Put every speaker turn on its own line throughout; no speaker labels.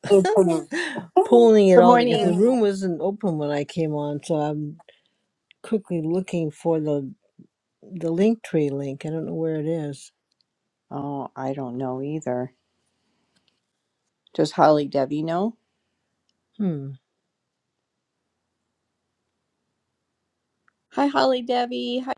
morning. Oh, I don't know either. Just no. Hi, Holly Debbie. Hi.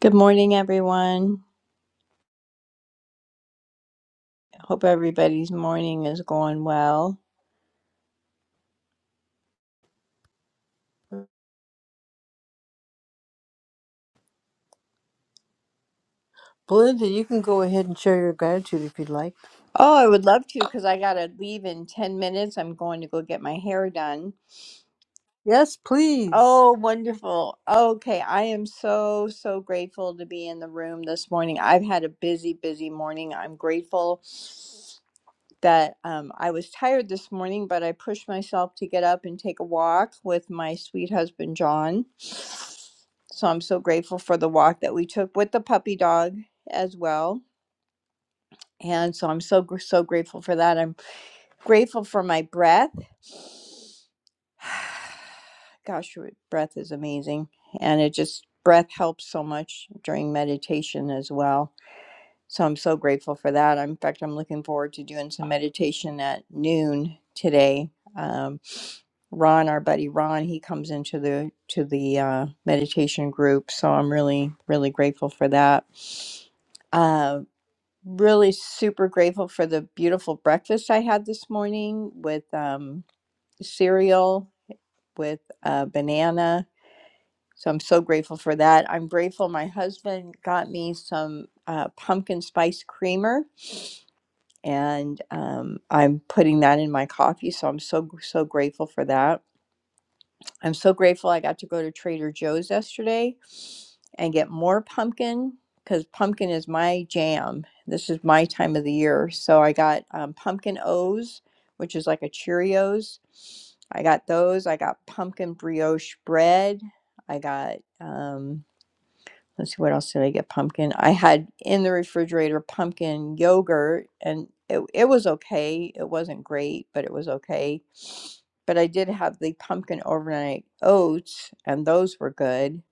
Good morning, everyone. Hope everybody's morning is going well. Oh, I would love to because I got to leave in 10 minutes. I'm going to go get my hair done. Oh, wonderful. Okay. I am so, so grateful to be in the room this morning. I've had a busy, busy morning. I'm grateful that um, I was tired this morning, but I pushed myself to get up and take a walk with my sweet husband, John. So I'm so grateful for the walk that we took with the puppy dog as well. And so I'm so, gr- so grateful for that. I'm grateful for my breath. Gosh, your breath is amazing. And it just, breath helps so much during meditation as well so I'm so grateful for that. I'm- In fact, I'm looking forward to doing some meditation at noon today. Um, Ron, our buddy Ron, he comes into the to the uh, meditation group, so I'm really really grateful for that. Uh, really super grateful for the beautiful breakfast I had this morning with um, cereal with a banana. So I'm so grateful for that. I'm grateful my husband got me some uh, pumpkin spice creamer and um, I'm putting that in my coffee. So I'm so so grateful for that. I'm so grateful I got to go to Trader Joe's yesterday and get more pumpkin because pumpkin is my jam. This is my time of the year, so I got um, pumpkin O's, which is like a Cheerios. I got those. I got pumpkin brioche bread. I got. um, let's see what else did i get pumpkin i had in the refrigerator pumpkin yogurt and it, it was okay it wasn't great but it was okay but i did have the pumpkin overnight oats and those were good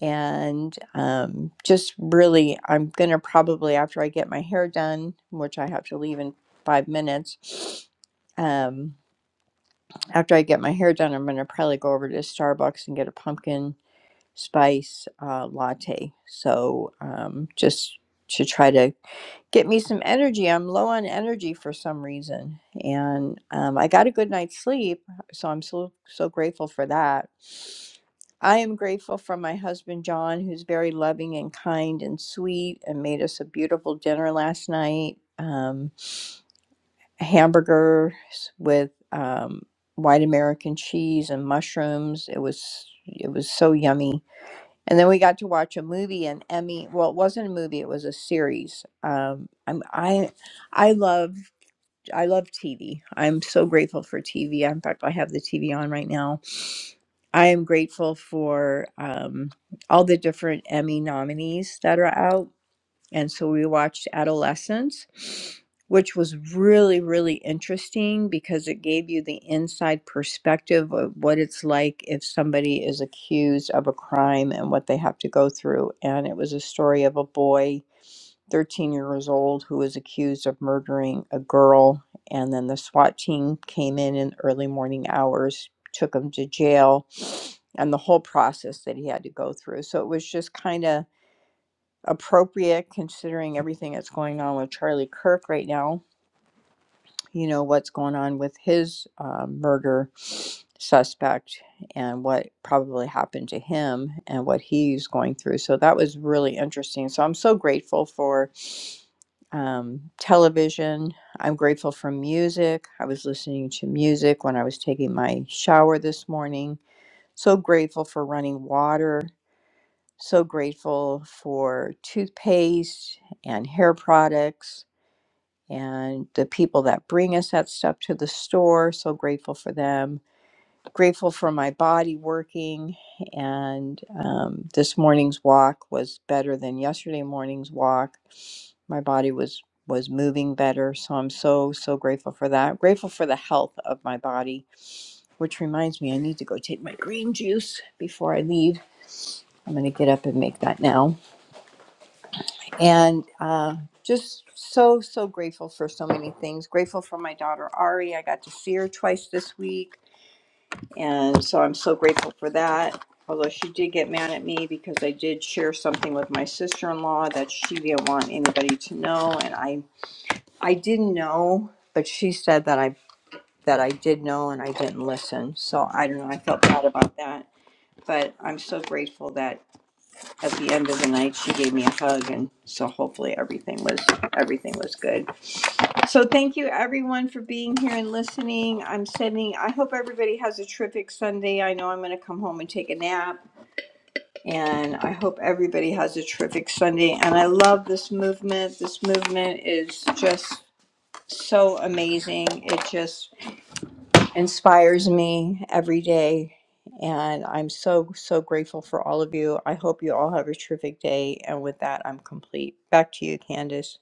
and um, just really i'm gonna probably after i get my hair done which i have to leave in five minutes um, after i get my hair done i'm gonna probably go over to starbucks and get a pumpkin spice uh, latte. So um, just to try to get me some energy. I'm low on energy for some reason, and um, I got a good night's sleep, so I'm so so grateful for that. I am grateful for my husband John, who's very loving and kind and sweet, and made us a beautiful dinner last night. Um, hamburgers with um, white American cheese and mushrooms. It was it was so yummy and then we got to watch a movie, and Emmy. Well, it wasn't a movie; it was a series. Um, I'm I, I love I love TV. I'm so grateful for TV. In fact, I have the TV on right now. I am grateful for um, all the different Emmy nominees that are out. And so we watched Adolescence, which was really, really interesting because it gave you the inside perspective of what it's like if somebody is accused of a crime and what they have to go through. And it was a story of a boy, 13 years old, who was accused of murdering a girl. And then the SWAT team came in in early morning hours, took him to jail, and the whole process that he had to go through. So it was just kind of appropriate considering everything that's going on with Charlie Kirk right now. You know, what's going on with his uh, murder suspect and what probably happened to him and what he's going through. So that was really interesting. So I'm so grateful for um, television. I'm grateful for music. I was listening to music when I was taking my shower this morning. So grateful for running water so grateful for toothpaste and hair products and the people that bring us that stuff to the store. So grateful for them. Grateful for my body working. And um, this morning's walk was better than yesterday morning's walk. My body was was moving better so i'm so so grateful for that grateful for the health of my body which reminds me i need to go take my green juice before i leave i'm going to get up and make that now and uh, just so so grateful for so many things grateful for my daughter ari i got to see her twice this week and so i'm so grateful for that although she did get mad at me because i did share something with my sister-in-law that she didn't want anybody to know and i i didn't know but she said that i that i did know and i didn't listen so i don't know i felt bad about that but i'm so grateful that at the end of the night she gave me a hug and so hopefully everything was everything was good so thank you everyone for being here and listening i'm sending i hope everybody has a terrific sunday i know i'm going to come home and take a nap and i hope everybody has a terrific sunday and i love this movement this movement is just so amazing it just inspires me every day. And I'm so, so grateful for all of you. I hope you all have a terrific day. And with that, I'm complete. Back to you, Candace.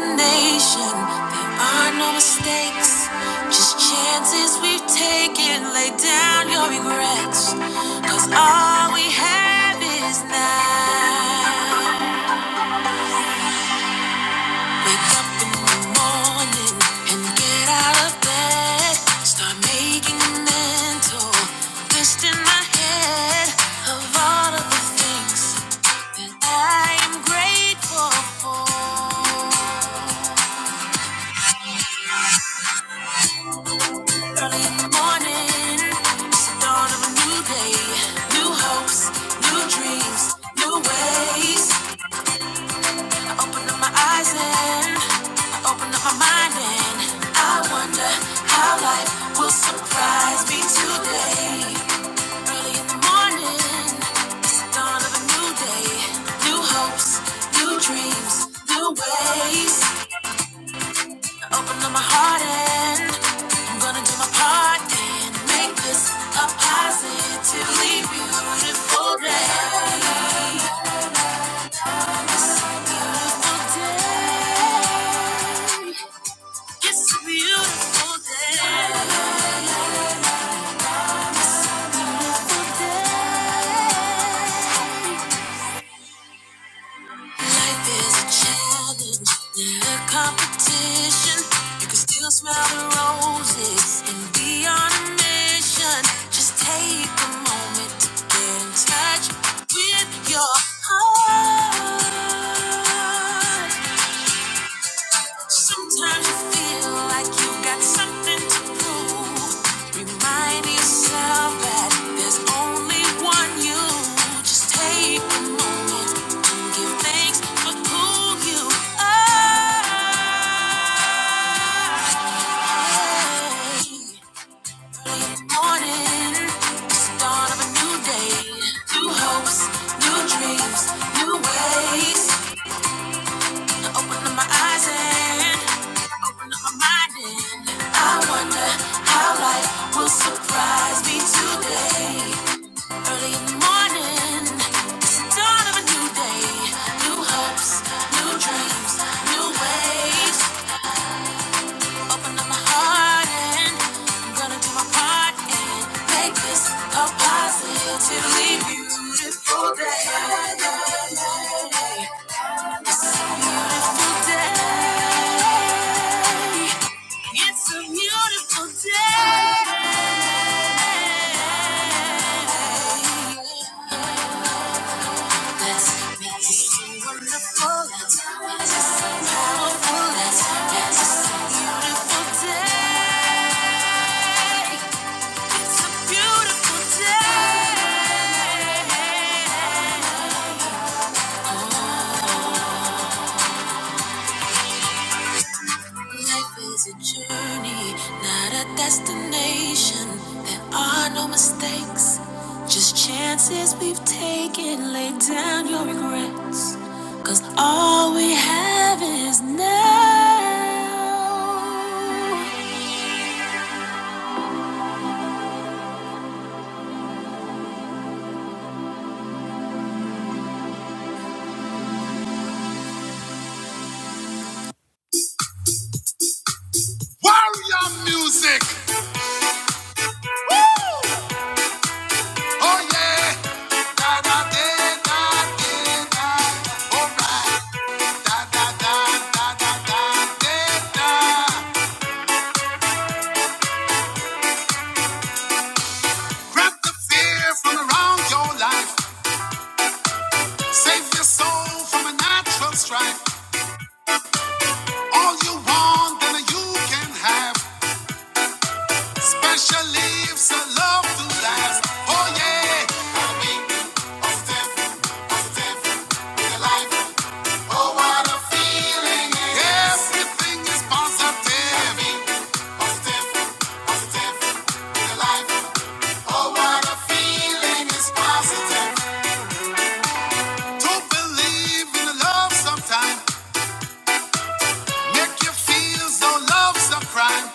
nation. There are no mistakes, just chances we've taken. Lay down your regrets, cause all we have is now. Wake up in the morning and get out of bed. Start making a mental list in my head of all of the things that I am grateful for. morning. It's the dawn of a new day. New hopes, new dreams, new ways. Open my eyes and I open up my mind and I wonder how life will surprise me today. Early in the morning, it's the dawn of a new day. New hopes, new dreams, new ways. Open up my heart and I'm gonna do my part and make this a positively beautiful day. Beautiful day. It's a Beautiful day. Life is a challenge, not a competition. You can still smell the roses and be on a mission. Just take a moment to get in touch with your heart. Sometimes you feel like you've got something to prove. Remind yourself that there's only one you. Just take a moment and give thanks for who you are. Early morning, the start of a new day. New hopes, new dreams, new ways. I Open up my eyes and I open up my mind and I wonder how life will surprise me today. Early in the morning, it's the dawn of a new day. New hopes, new dreams, new ways. Open up my heart and I'm gonna do my part and make this a positively beautiful day. It's a beautiful day. Let's make it so wonderful. let so powerful. Let's so beautiful day. It's a beautiful day. Life is a journey, not a destination. There are no mistakes, just chances we've taken. Lay down your regrets, cause all we have is now. Warrior music! Woo! Oh yeah! Da, da, da, da, da, da. All right. Da, da, da, da, da, da, da, da. Grab the fear from around your life. Save your soul from a natural strife. All you want, then you can have. Special leaves, a love to last. Oh yeah. positive in your life. Oh, what a feeling Everything is positive. positive in your life. Oh, what a feeling is positive. To believe in love sometimes. Make you feel so love's a crime.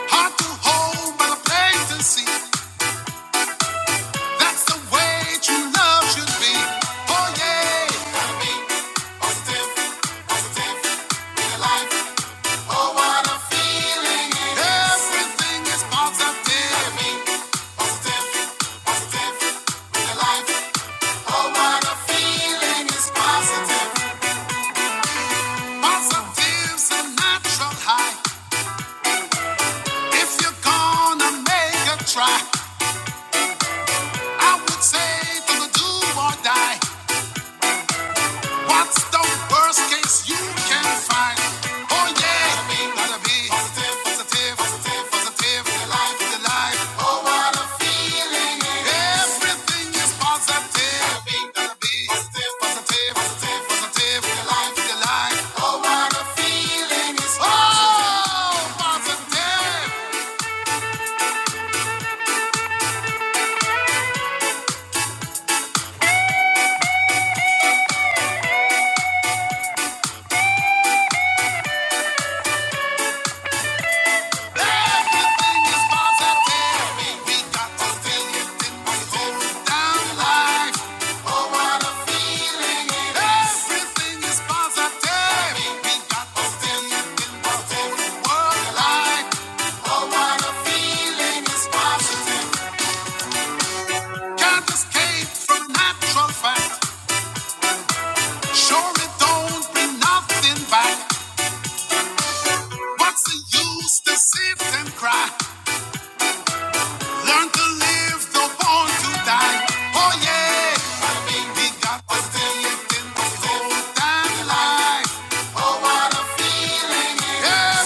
Hard to hold by the see. That's the way true love should be. Oh yeah. Gotta be positive, positive, in your life. Oh what a feeling it is. Everything is positive. Gotta be positive, positive, real life. Oh what a feeling is positive. Positive Sinatra high. If you're gonna make a try, I would say to the do or die. What's the worst case you can find? Oh yeah, gotta Your life, your life. Oh what a feeling! Everything is positive. Gotta Your life, your life. Oh what a feeling! Oh positive. Everything is positive. We got the feeling it was going down like, oh what a feeling it is. Everything is positive. We got the feeling it was going world like, oh what a feeling is positive. Can't escape from natural fact. Sure it don't bring nothing back. What's the use to sit and cry? Learn to live, the born to die. Oh yeah. We got the feeling in the whole damn life. Oh what a feeling.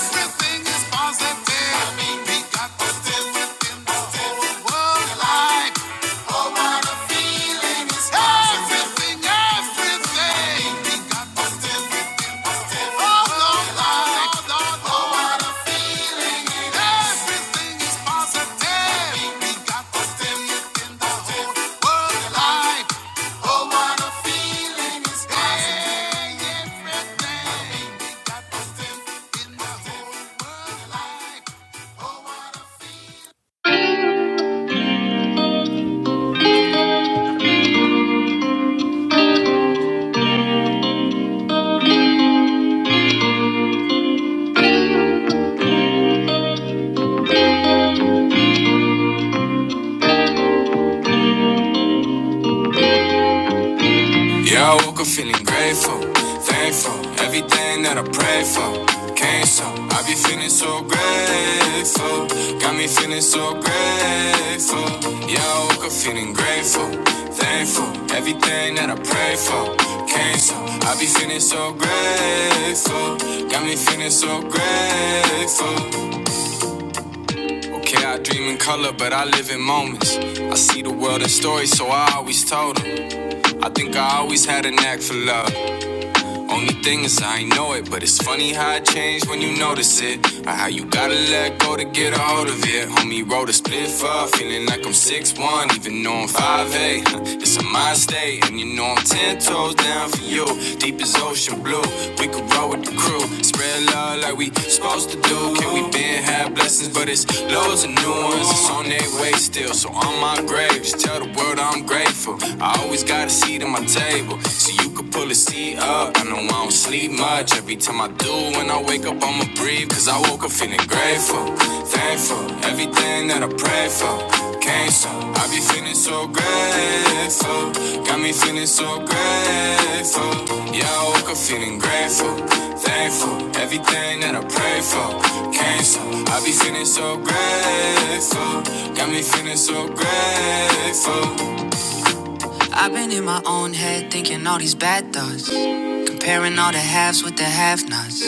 Everything is positive. We got the feeling in the whole world life. All that I'm feeling is everything, everything. Oh, Lord, Lord, Lord, Lord. All that I'm feeling is everything is positive. We got the whole world alive. Oh, what a feeling is positive. Everything. We got the whole world alive. Oh, what a feeling. Yeah, I woke up feeling grateful, thankful. Everything that I prayed for came so. I be feeling so grateful, got me feeling so grateful. Yeah, I woke up feeling grateful, thankful. Everything that I prayed for came so. I be feeling so grateful, got me feeling so grateful. Okay, I dream in color, but I live in moments. I see the world in stories, so I always told them. I think I always had a knack for love. Only thing is I ain't know it, but it's funny how it changed when you notice it. Or how you gotta let go to get a hold of it. Homie wrote a split up, feeling like I'm six one, even though I'm five eight. Huh, It's a mind state, and you know I'm 10 toes down for you. Deep as ocean blue, we could roll with the crew. Spread love like we supposed to do. Can we been have blessings, but it's loads of new ones. It's on their way still, so on my grave, just tell the world I'm grateful. I always gotta see to my table. Pull the seat up, I know I don't sleep much. Every time I do, when I wake up, I'ma breathe. Cause I woke up feeling grateful, thankful. Everything that I pray for came so. I be feeling so grateful, got me feeling so grateful. Yeah, I woke up feeling grateful, thankful. Everything that I pray for came so. I be feeling so grateful, got me feeling so grateful. I've been in my own head thinking all these bad thoughts. Comparing all the halves with the have nots.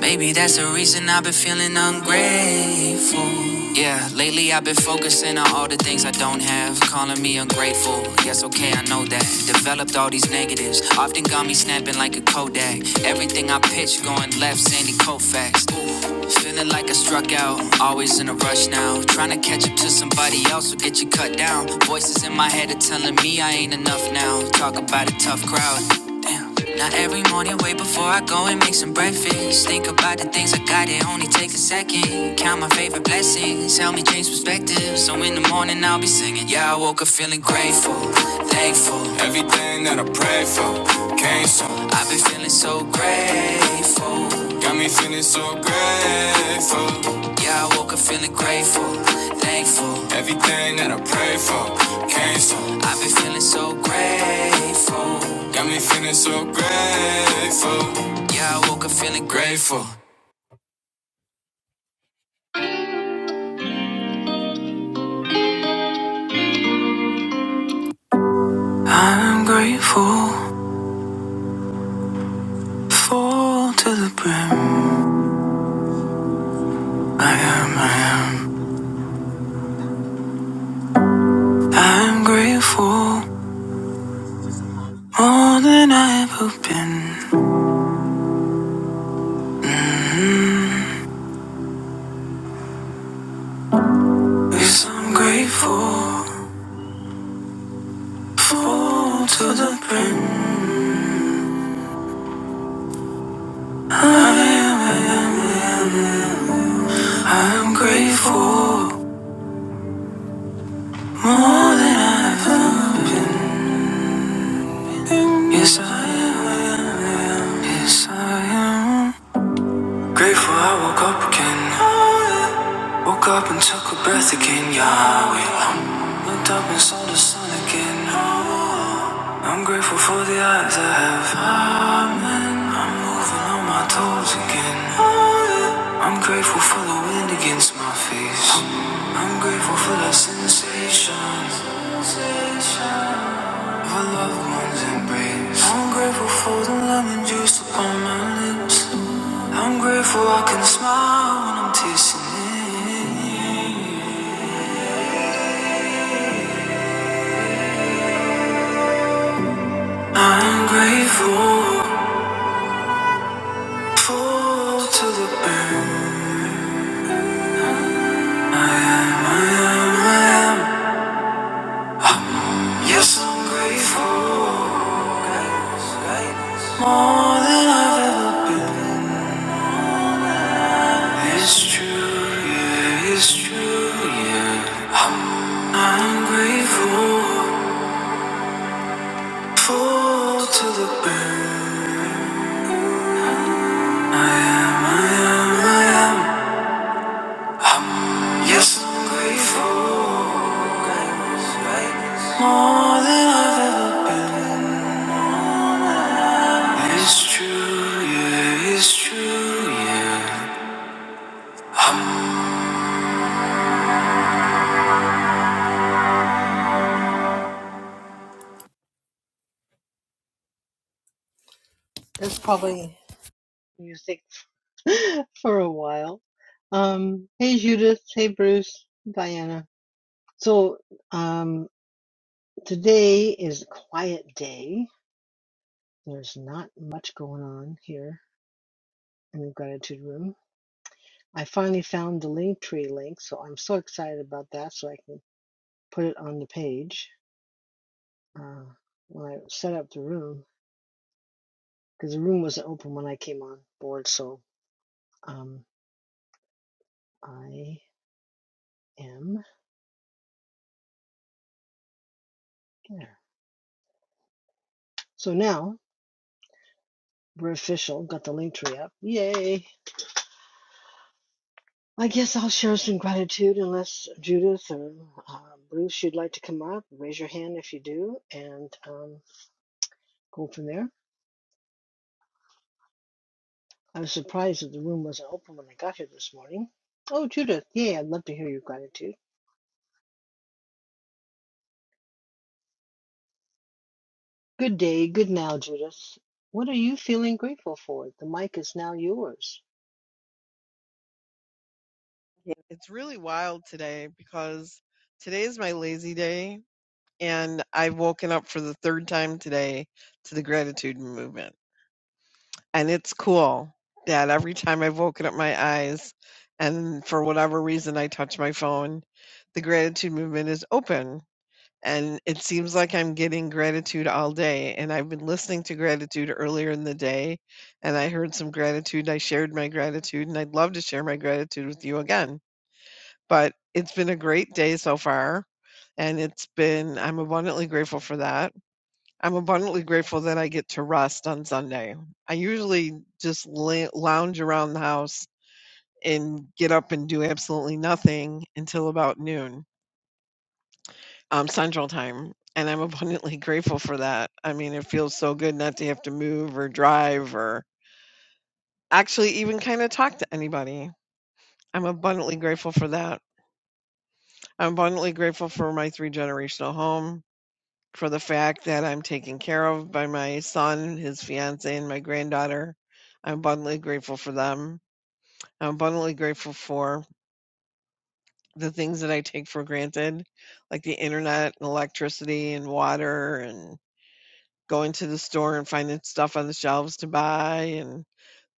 Maybe that's the reason I've been feeling ungrateful. Yeah, lately I've been focusing on all the things I don't have. Calling me ungrateful. Yes, okay, I know that. Developed all these negatives. Often got me snapping like a Kodak. Everything I pitch going left, Sandy Koufax. Ooh, feeling like I struck out. Always in a rush now. Trying to catch up to somebody else will get you cut down. Voices in my head are telling me I ain't enough now. Talk about a tough crowd am. Now every morning, wait before I go and make some breakfast. Think about the things I got, it only takes a second. Count my favorite blessings, help me change perspective. So in the morning, I'll be singing. Yeah, I woke up feeling grateful, thankful. Everything that I prayed for came so. I've been feeling so grateful. Got me feeling so grateful. Yeah, I woke up feeling grateful, thankful. Everything that I prayed for came so. I've been feeling so grateful. Got me feeling so grateful. Yeah, I woke up feeling grateful. I'm grateful, full to the brim. I'm grateful, more than I ever been. Yes, I'm grateful, full to the brim. I'm grateful, yes I am. I am, Yes I am. Grateful I woke up again. Woke up and took a breath again, Yahweh. Looked up and saw the sun again. I'm grateful for the eyes I have. Amen. I'm moving on my toes again. I'm grateful for the Leaned against my face. I'm grateful for that sensation of a loved one's embrace. I'm grateful for the lemon juice upon my lips. I'm grateful I can smile when I'm tasting it. I'm grateful for to the burn. I am, I am, I am. Yes, I'm grateful. More than I've ever been. It's true, yeah, it's true, yeah. I'm I'm grateful. full to the brim. I am, I am, I am. I'm, yes, I'm grateful, more than I've ever been. It's true, yeah, it's true, yeah.
Yeah. It's really wild today because today is my lazy day, and I've woken up for the third time today to the gratitude movement. And it's cool that every time I've woken up my eyes, and for whatever reason I touch my phone, the gratitude movement is open. And it seems like I'm getting gratitude all day. And I've been listening to gratitude earlier in the day, and I heard some gratitude. I shared my gratitude, and I'd love to share my gratitude with you again. But it's been a great day so far, and it's been I'm abundantly grateful for that. I'm abundantly grateful that I get to rest on Sunday. I usually just la- lounge around the house and get up and do absolutely nothing until about noon um, Central Time. And I'm abundantly grateful for that. I mean, it feels so good not to have to move or drive or actually even kind of talk to anybody. I'm abundantly grateful for that. I'm abundantly grateful for my three generational home. for the fact that I'm taken care of by my son, his fiance, and my granddaughter. I'm abundantly grateful for them. I'm abundantly grateful for the things that I take for granted, like the internet and electricity and water and going to the store and finding stuff on the shelves to buy and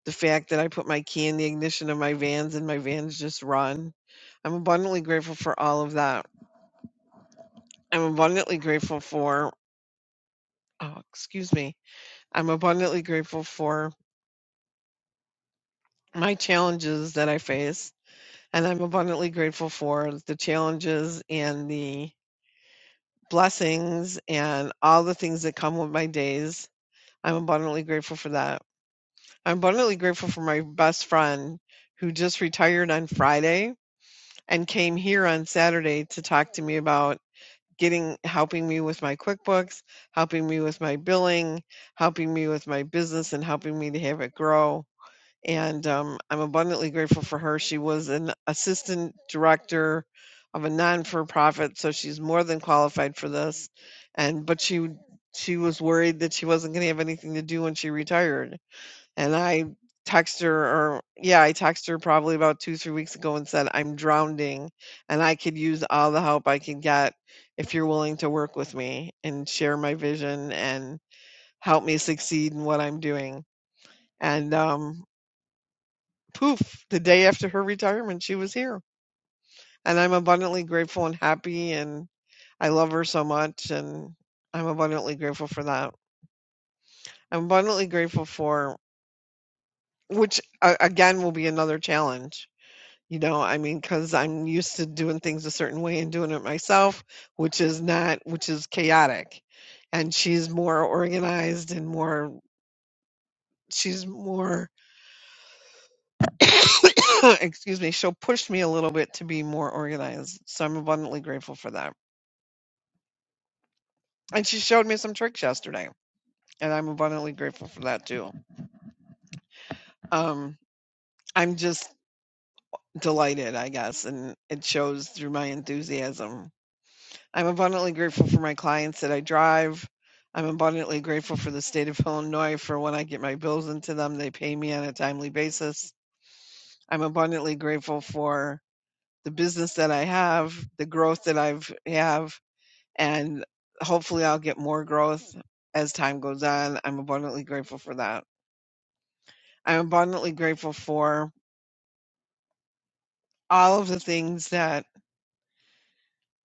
the fact that I put my key in the ignition of my vans and my vans just run. I'm abundantly grateful for all of that. I'm abundantly grateful for, oh, excuse me. I'm abundantly grateful for my challenges that I face, and I'm abundantly grateful for the challenges and the blessings and all the things that come with my days. I'm abundantly grateful for that. I'm abundantly grateful for my best friend who just retired on Friday and came here on Saturday to talk to me about getting helping me with my QuickBooks, helping me with my billing, helping me with my business and helping me to have it grow and um, I'm abundantly grateful for her. She was an assistant director of a non-for-profit, so she's more than qualified for this. And but she she was worried that she wasn't going to have anything to do when she retired. And I texted her, or yeah, I texted her probably about two three weeks ago and said I'm drowning, and I could use all the help I can get if you're willing to work with me and share my vision and help me succeed in what I'm doing and um, poof, the day after her retirement, she was here. And I'm abundantly grateful and happy. And I love her so much. And I'm abundantly grateful for that. I'm abundantly grateful for, which uh, again will be another challenge. You know, I mean, because I'm used to doing things a certain way and doing it myself, which is not, which is chaotic. And she's more organized and more, she's more excuse me, she'll push me a little bit to be more organized. So I'm abundantly grateful for that. and she showed me some tricks yesterday and i'm abundantly grateful for that too um i'm just delighted i guess and it shows through my enthusiasm i'm abundantly grateful for my clients that i drive i'm abundantly grateful for the state of illinois for when i get my bills into them they pay me on a timely basis i'm abundantly grateful for the business that i have the growth that i've have and hopefully i'll get more growth as time goes on i'm abundantly grateful for that I'm abundantly grateful for all of the things that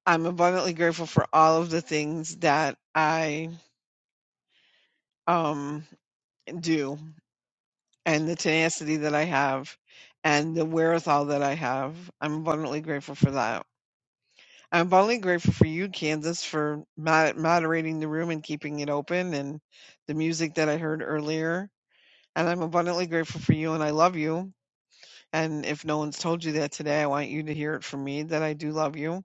I'm abundantly grateful for all of the things that I um do and the tenacity that I have and the wherewithal that I have. I'm abundantly grateful for that. I'm abundantly grateful for you, Kansas, for mod- moderating the room and keeping it open and the music that I heard earlier. And I'm abundantly grateful for you and I love you. And if no one's told you that today, I want you to hear it from me that I do love you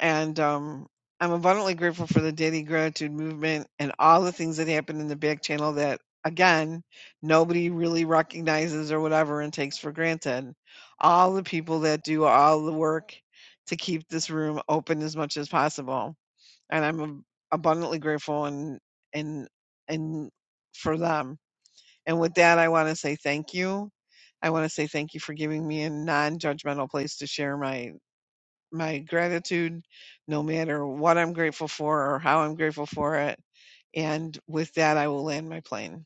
and um, I'm abundantly grateful for the daily gratitude movement and all the things that happen in the back channel that, again, nobody really recognizes or whatever and takes for granted. All the people that do all the work to keep this room open as much as possible, and I'm ab- abundantly grateful and and and for them. And with that, I want to say thank you. I want to say thank you for giving me a non-judgmental place to share my my gratitude, no matter what I'm grateful for or how I'm grateful for it. And with that, I will land my plane.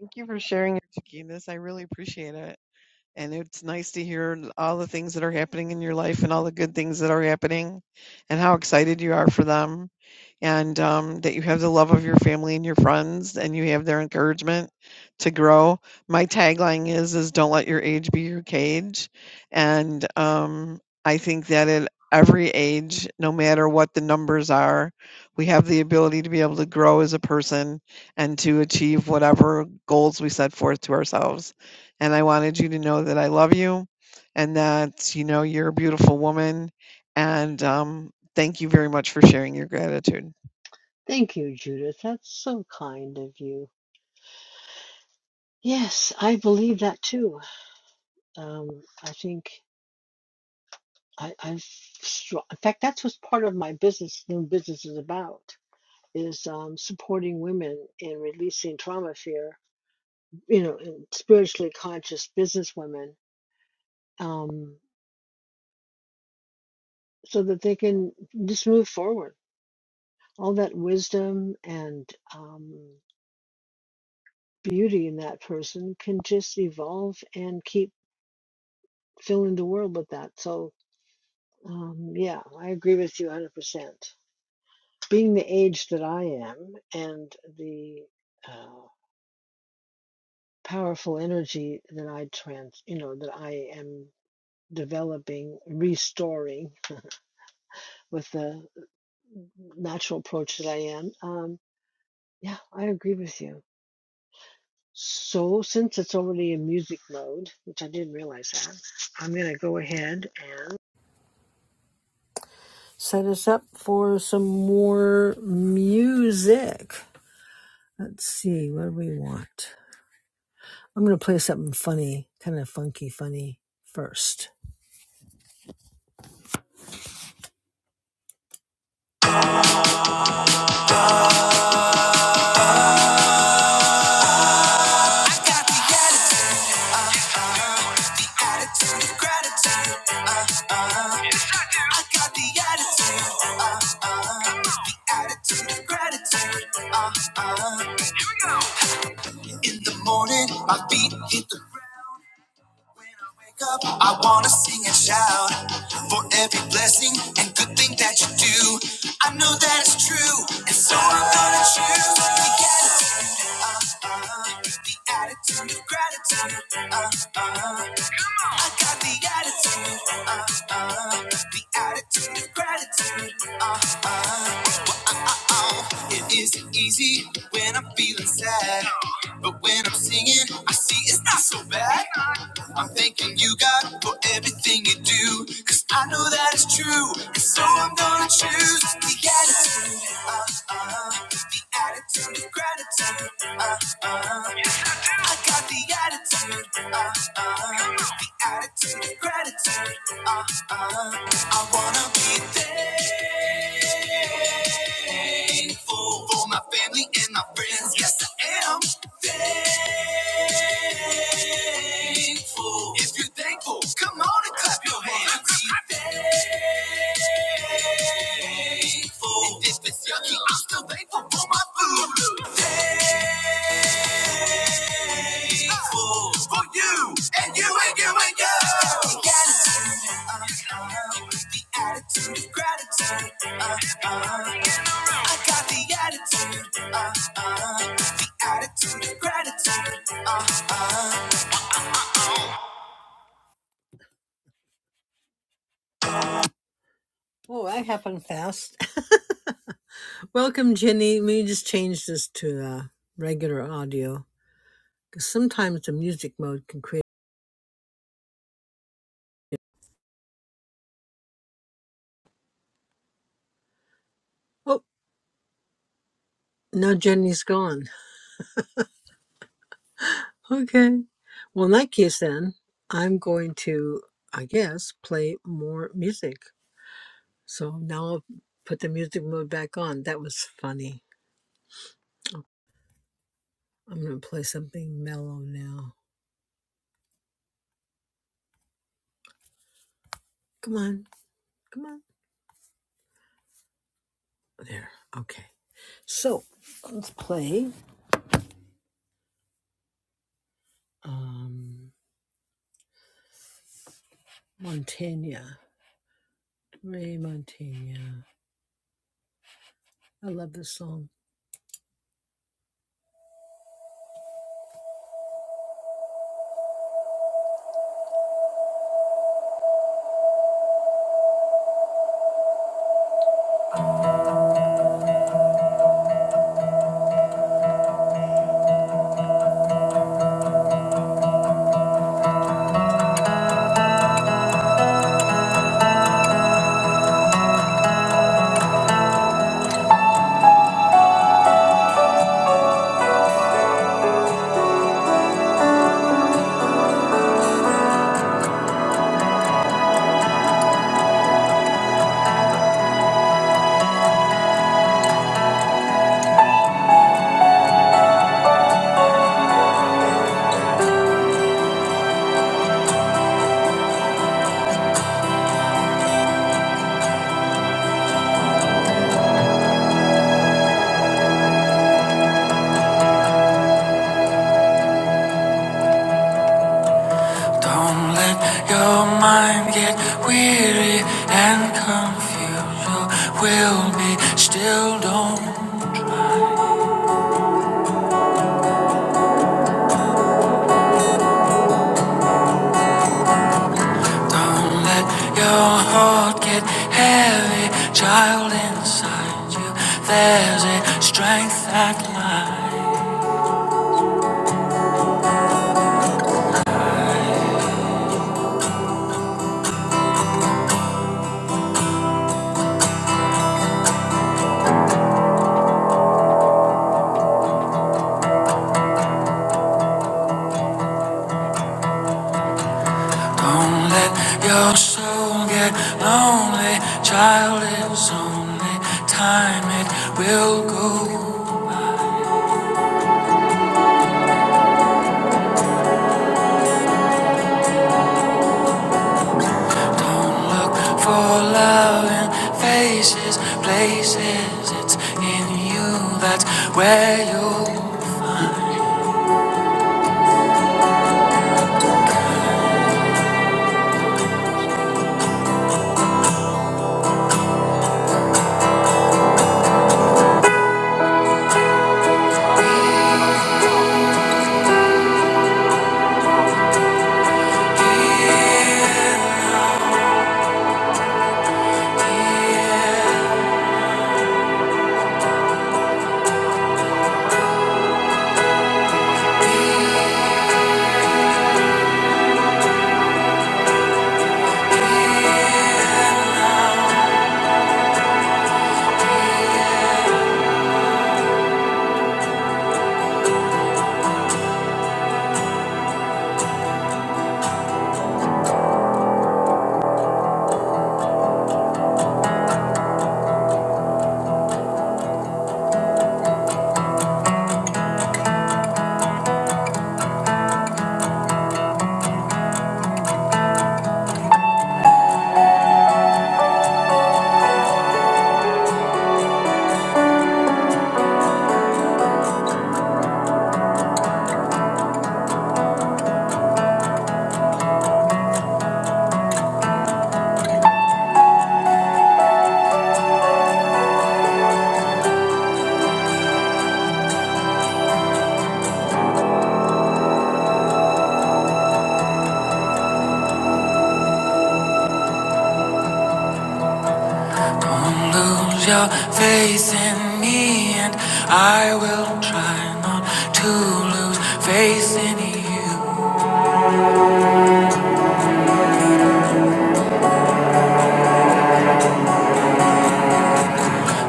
Thank you for sharing your This I really appreciate it. And it's nice to hear all the things that are happening in your life and all the good things that are happening and how excited you are for them. and um, that you have the love of your family and your friends and you have their encouragement to grow my tagline is is don't let your age be your cage and um, i think that at every age no matter what the numbers are we have the ability to be able to grow as a person and to achieve whatever goals we set forth to ourselves and i wanted you to know that i love you and that you know you're a beautiful woman and um, thank you very much for sharing your gratitude
Uh, uh, I got the attitude, uh, uh, it's the attitude of gratitude. In the morning, my feet hit the ground. when I wake up. I wanna sing and shout for every blessing and good thing that you do. I know that it's true, and so I'm gonna choose the attitude, the attitude of gratitude. I got the attitude, uh, the attitude of gratitude. Uh, It isn't easy when I'm feeling sad. But when I'm singing, I see it's not so bad. I'm thanking you, God, for everything you do, 'cause I know that it's true. And so I'm gonna choose the attitude. Uh, uh, the attitude of gratitude. Uh, uh, I got the attitude. Uh, uh, the attitude of gratitude. Uh, uh, I wanna be there. Thankful for my family and my friends. Yes, I am thankful. If you're thankful, come on and clap your hands. Be thankful. And if it's yucky, I'm still thankful for my food. Thankful for you and you and you and you. The attitude is great. Uh, uh, I got the attitude. Uh, uh, the attitude of gratitude. Uh, Don't let your mind get weary and confused. You will be still. Don't don't let your heart get heavy, child inside you. There's a strength that lies. Don't let your soul get lonely, child. It's only time it will go. Don't look for love in faces, places. It's in you. That's where you. Don't lose your faith in me, and I will try not to lose faith in you.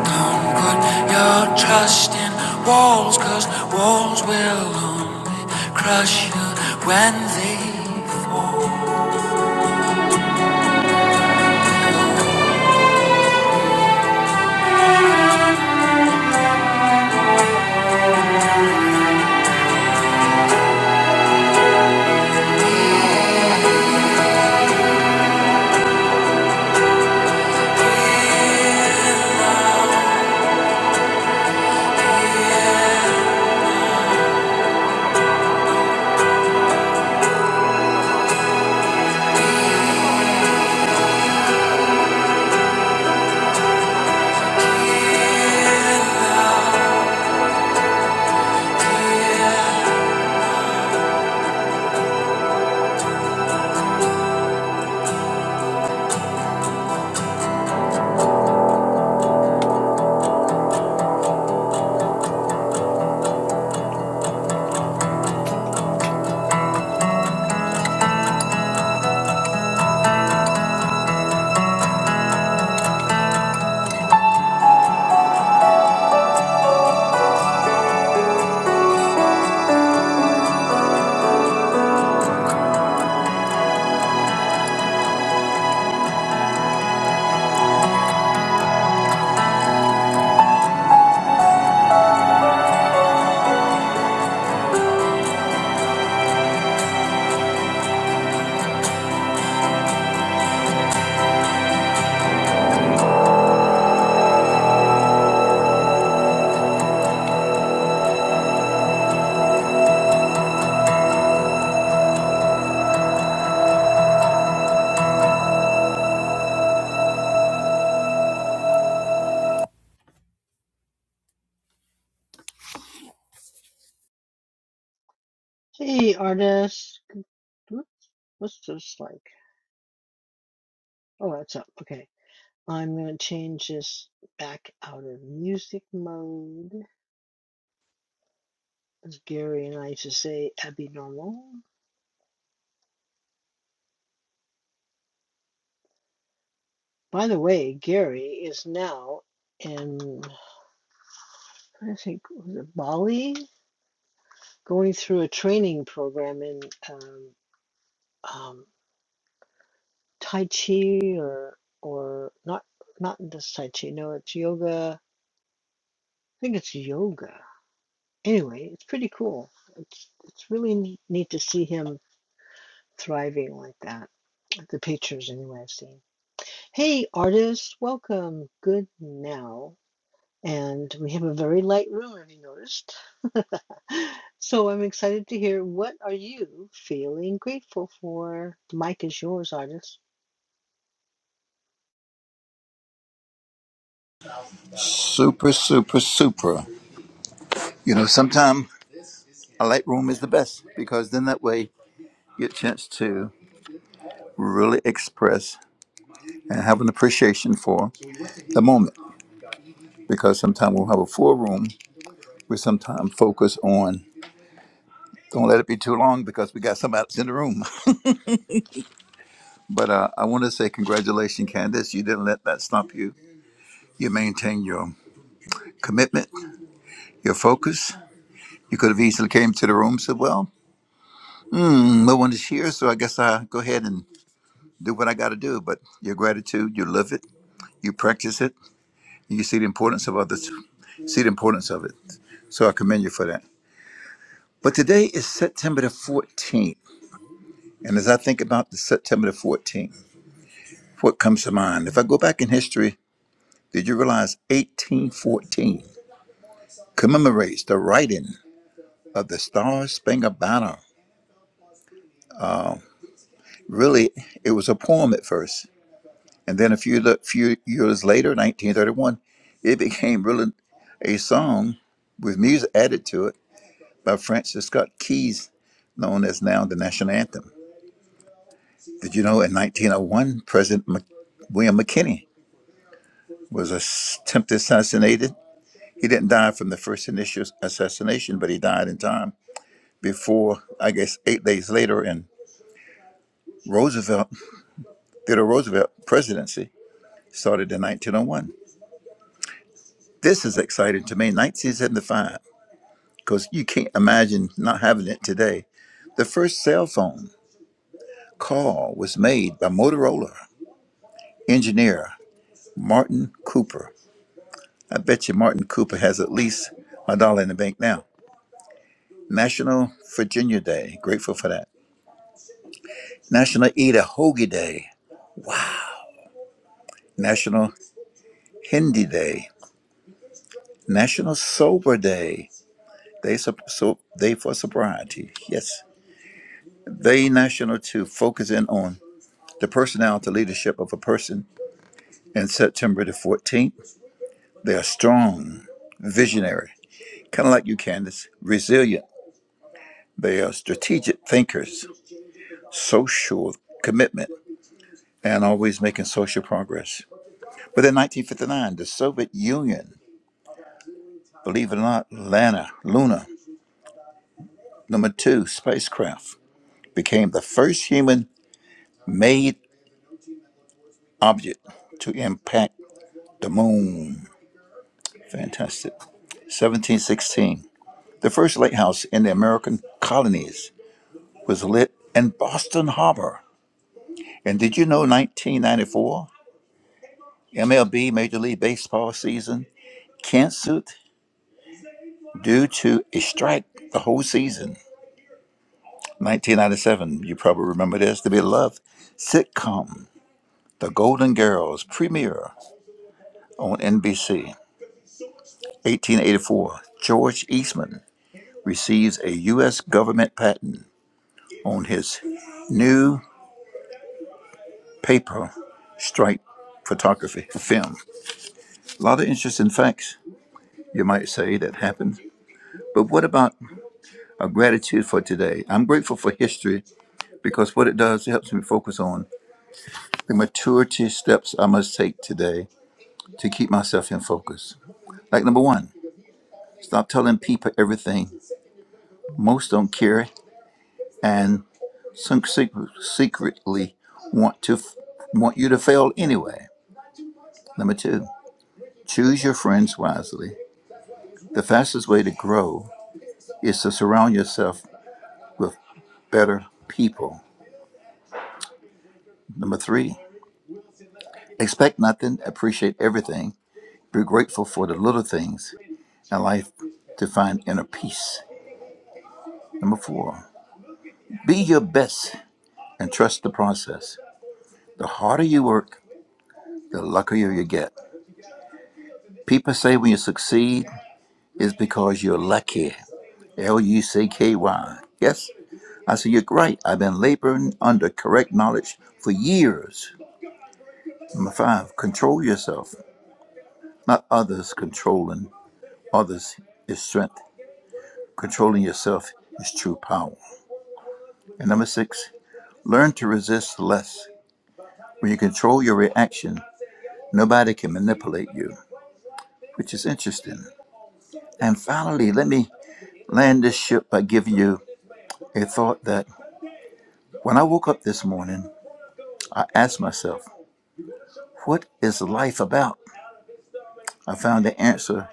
Don't Put your trust in walls, cause walls will only crush you when they fall.
Super, super, super. You know, sometimes a light room is the best because then that way you get a chance to really express and have an appreciation for the moment. Because sometimes we'll have a full room, we sometimes focus on don't let it be too long because we got somebody else in the room. But uh, I want to say congratulations, Candace. You didn't let that stop you. You maintained your commitment, your focus. You could have easily came to the room and said, well, hmm, no one is here, so I guess I'll go ahead and do what I got to do. But your gratitude, you live it, you practice it, and you see the importance of others, see the importance of it. So I commend you for that. But today is September the 14th. And as I think about the September the 14th, what comes to mind? If I go back in history, did you realize 1814 commemorates the writing of the Star Spangled Banner? Really, it was a poem at first, And then a few le- few years later, 1931, it became really a song with music added to it by Francis Scott Keys, known as now the national anthem. Did you know in 1901, President Mc- William McKinney was ass- attempted assassinated? He didn't die from the first initial assassination, but he died in time before, I guess, eight days later in Roosevelt, Theodore Roosevelt presidency started in 1901. This is exciting to me. 1975. because you can't imagine not having it today. The first cell phone call was made by Motorola engineer Martin Cooper. I bet you Martin Cooper has at least a dollar in the bank now. National Virginia Day, grateful for that. National Eat a Hoagie Day, National Hindi Day, National Sober Day, Day, sup- so, day for Sobriety. Yes. Day National to focus in on the personality leadership of a person in September the 14th. They are strong, visionary, kind of like you, Candace, resilient. They are strategic thinkers, social commitment, and always making social progress. But in 1959, the Soviet Union, believe it or not, Lana, Luna, number two spacecraft, became the first human made object to impact the moon. Fantastic. 1716. The first lighthouse in the American colonies was lit in Boston Harbor And did you know 1994 MLB Major League Baseball season canceled due to a strike the whole season? 1997, you probably remember this, the beloved sitcom The Golden Girls premiere on NBC. 1884, George Eastman receives a U.S. government patent on his new paper strike photography film. A lot of interesting facts, you might say, that happened. But what about a gratitude for today. I'm grateful for history because what it does, it helps me focus on the maturity steps I must take today to keep myself in focus. Like number one, stop telling people everything. Most don't care and some secret, secretly want to f- want you to fail anyway. Number two, choose your friends wisely. The fastest way to grow is to surround yourself with better people. Number three, expect nothing, appreciate everything Be grateful for the little things in life to find inner peace. Number four, be your best and trust the process. The harder you work, the luckier you get. People say when you succeed, it's because you're lucky. L U C K Y. Yes, I say you're right. I've been laboring under correct knowledge for years. Number five, control yourself, not others controlling others is strength. Controlling yourself is true power. And number six, Learn to resist less. When you control your reaction, nobody can manipulate you, which is interesting. And finally, let me land this ship by giving you a thought that when I woke up this morning, I asked myself, what is life about? I found the answer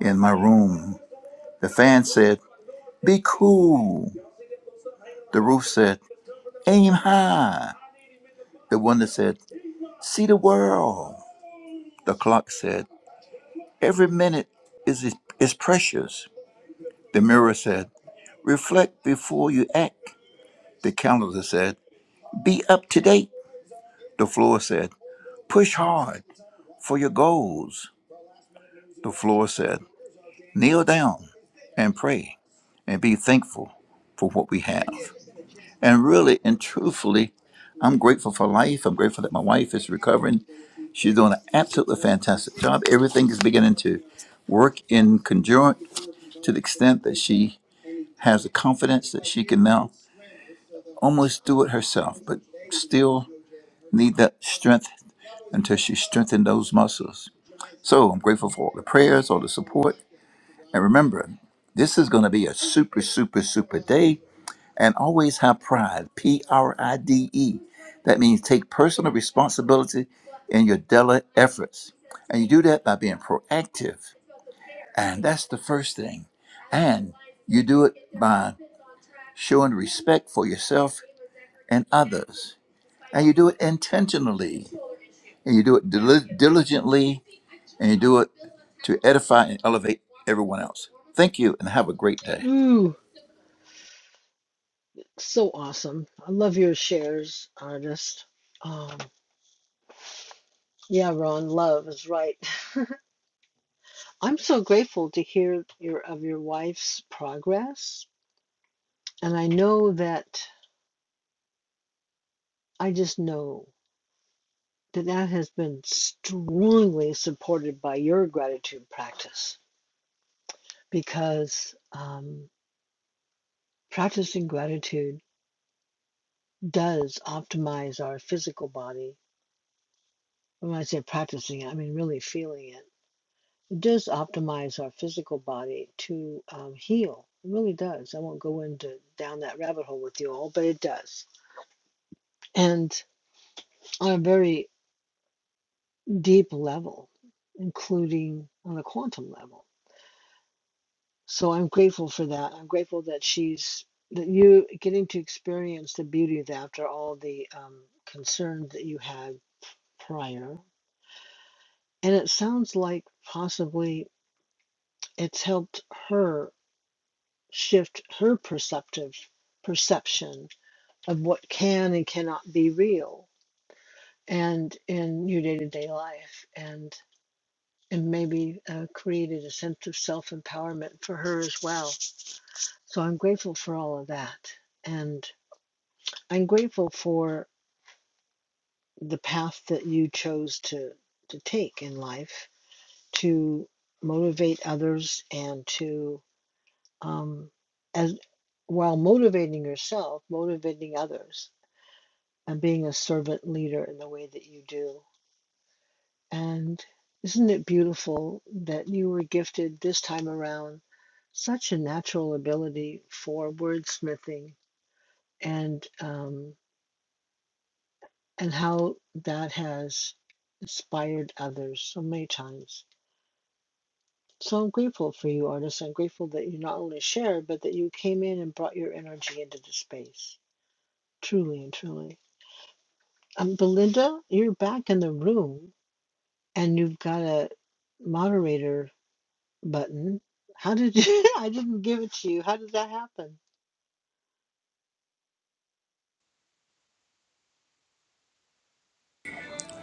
in my room. The fan said, be cool. The roof said, aim high. The one said, see the world. The clock said, every minute is, is precious. The mirror said, Reflect before you act, the calendar said. Be up to date, the floor said. Push hard for your goals, the floor said. Kneel down and pray and be thankful for what we have. And really and truthfully, I'm grateful for life. I'm grateful that my wife is recovering. She's doing an absolutely fantastic job. Everything is beginning to work in conjunct to the extent that she has the confidence that she can now almost do it herself, but still need that strength until she strengthened those muscles. So I'm grateful for all the prayers, all the support. And remember, this is going to be a super, super, super day. And always have pride P R I D E. That means take personal responsibility in your daily efforts. And you do that by being proactive. And that's the first thing. And you do it by showing respect for yourself and others. and you do it intentionally and you do it dili- diligently and you do it to edify and elevate everyone else thank you and have a great day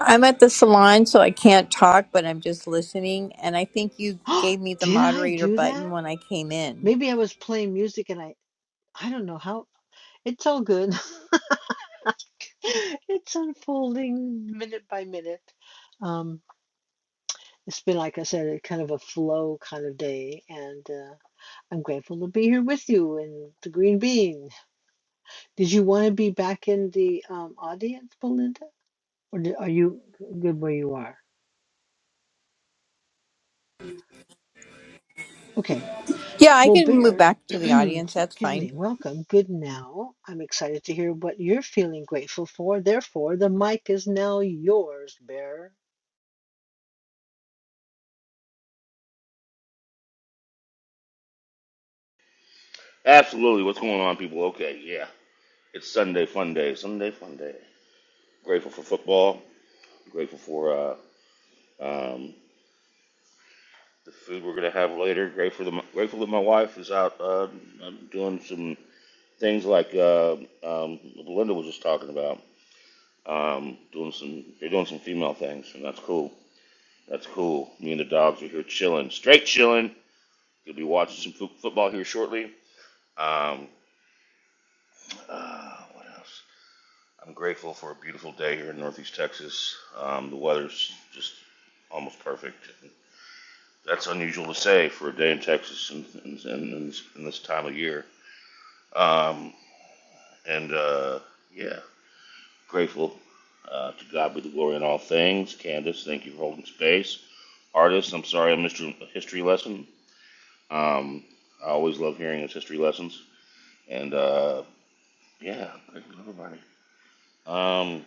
I'm at the salon, so I can't talk, but I'm just listening. And I think you gave me the moderator button when I came in. Yeah, I can move back to the audience. That's fine.
Absolutely. What's going on, people? Okay, yeah. It's Sunday fun day. Sunday fun day. Grateful for football. Grateful for uh, um, the food we're gonna have later. Grateful, that my, grateful that my wife is out uh, um, doing some things like uh, um, Belinda was just talking about. Um, doing some, they're doing some female things, and that's cool. That's cool. Me and the dogs are here chilling, straight chilling. You'll be watching some fo- football here shortly. Um, uh, what else? I'm grateful for a beautiful day here in Northeast Texas. Um, the weather's just almost perfect. That's unusual to say for a day in Texas in, in, in, in this, time of year. Um, and uh, yeah, grateful uh, to God be the glory in all things. Candace, thank you for holding space. Artist, I'm sorry I missed your history lesson. Um, I always love hearing his history lessons. And uh, yeah, grateful to everybody. Um,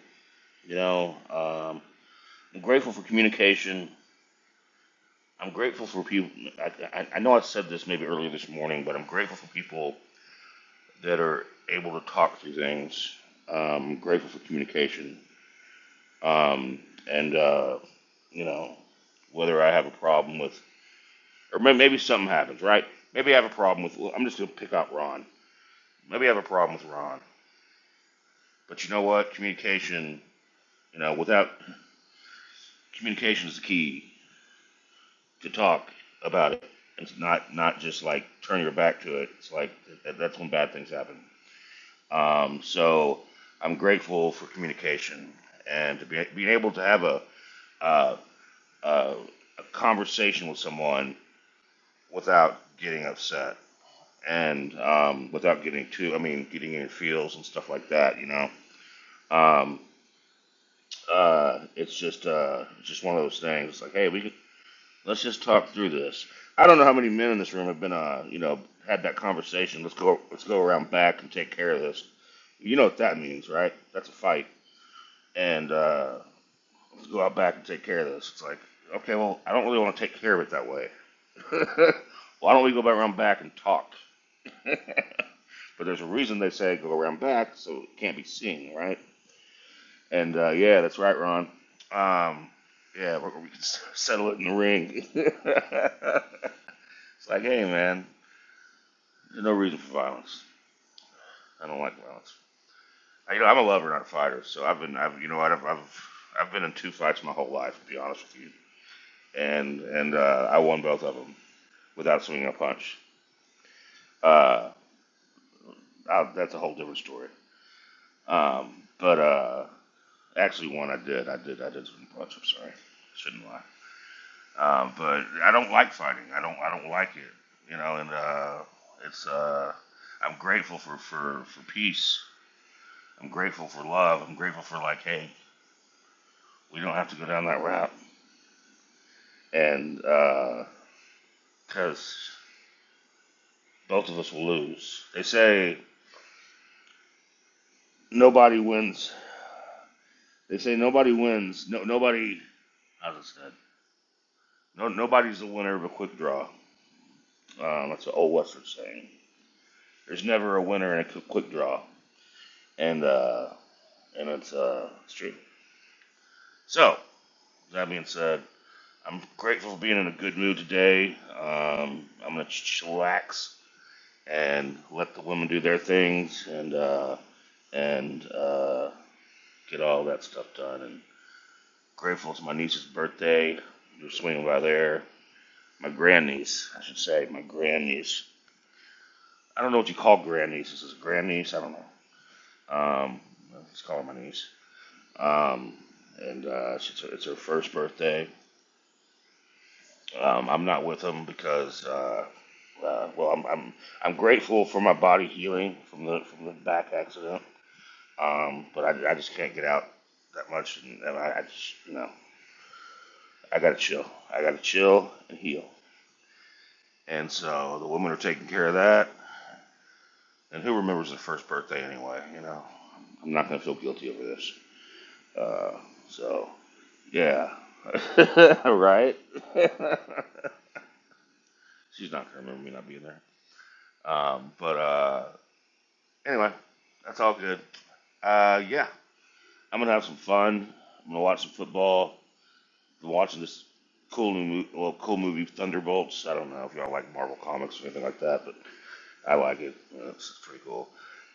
you know, um, I'm grateful for communication I'm grateful for people. I, I, I know I said this maybe earlier this morning, but I'm grateful for people that are able to talk through things. Um, grateful for communication. Um, and, uh, you know, whether I have a problem with, or maybe something happens, right? Maybe I have a problem with, well, I'm just going to pick out Ron. Maybe I have a problem with Ron. But you know what? Communication, you know, without communication is the key to talk about it. It's not, not just like turn your back to it. It's like that's when bad things happen. Um, so I'm grateful for communication and to be, being able to have a, uh, uh, a conversation with someone without getting upset and um, without getting too, I mean, getting in your feels and stuff like that, you know. Um, uh, it's just uh, it's just one of those things. It's like, hey, we could, let's just talk through this. I don't know how many men in this room have been, uh, you know, had that conversation. Let's go, let's go around back and take care of this. You know what that means, right? That's a fight and uh, Let's go out back and take care of this. It's like, okay, well, I don't really want to take care of it that way. Why don't we go back around back and talk? but there's a reason they say go around back, so it can't be seen, right? And uh, yeah, that's right, Ron. Um, yeah, we can settle it in the ring. it's like, hey, man, there's no reason for violence. I don't like violence. I, you know, I'm a lover, not a fighter. So I've been, I've, you know, I've, I've, I've been in two fights my whole life, to be honest with you, and and uh, I won both of them. without swinging a punch. Uh, I, that's a whole different story. Um, but uh, actually, one I did, I did, I did swing a punch. I'm sorry, shouldn't lie. Um, but I don't like fighting. I don't, I don't like it. You know, and uh, it's. Uh, I'm grateful for, for for peace. I'm grateful for love. I'm grateful for like, hey, we don't have to go down that route. And because uh, both of us will lose. They say nobody wins. They say nobody wins. No, nobody. How's it said? No, nobody's a winner of a quick draw. Um, that's an old Western saying. There's never a winner in a quick draw, and uh, and it's uh, it's true. So that being said, I'm grateful for being in a good mood today. Um, I'm gonna chillax and let the women do their things and uh, and uh, get all that stuff done. And grateful it's my niece's birthday. We're swinging by there. My grandniece, I should say, my grandniece. I don't know what you call grandnieces. Is it grandniece? I don't know. Um, let's call her my niece. Um, and uh, it's, her, it's her first birthday. Um, I'm not with them because, uh, uh, well, I'm, I'm I'm grateful for my body healing from the from the back accident. Um, but I, I just can't get out that much, and, and I, I just you know I gotta chill. I gotta chill and heal. And so the women are taking care of that. And who remembers their first birthday anyway? You know, I'm not gonna feel guilty over this. Uh, so Yeah. right? She's not gonna remember me not being there. Um, but uh, anyway, that's all good. Uh, yeah, I'm gonna have some fun. I'm gonna watch some football. Been watching this cool new mo- well, cool movie Thunderbolts. I don't know if y'all like Marvel comics or anything like that, but I like it. Uh, It's pretty cool.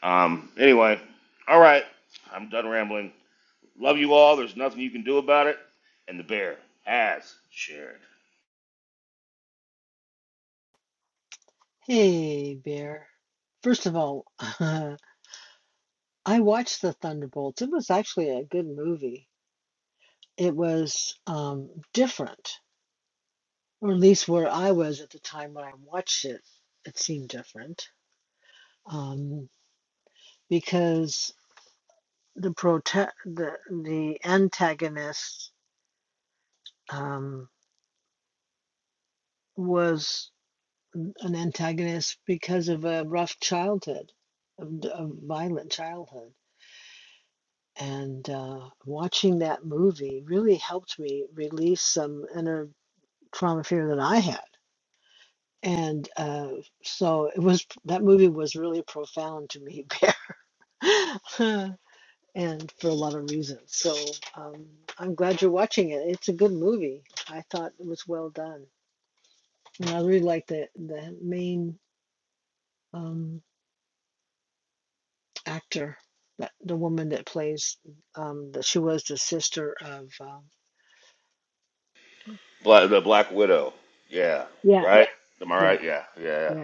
Um, anyway, all right. I'm done rambling. Love you all. There's nothing you can do about it. And the bear has shared. Black, the Black Widow. Yeah. Yeah. Right? Am I right? Yeah. Yeah. yeah.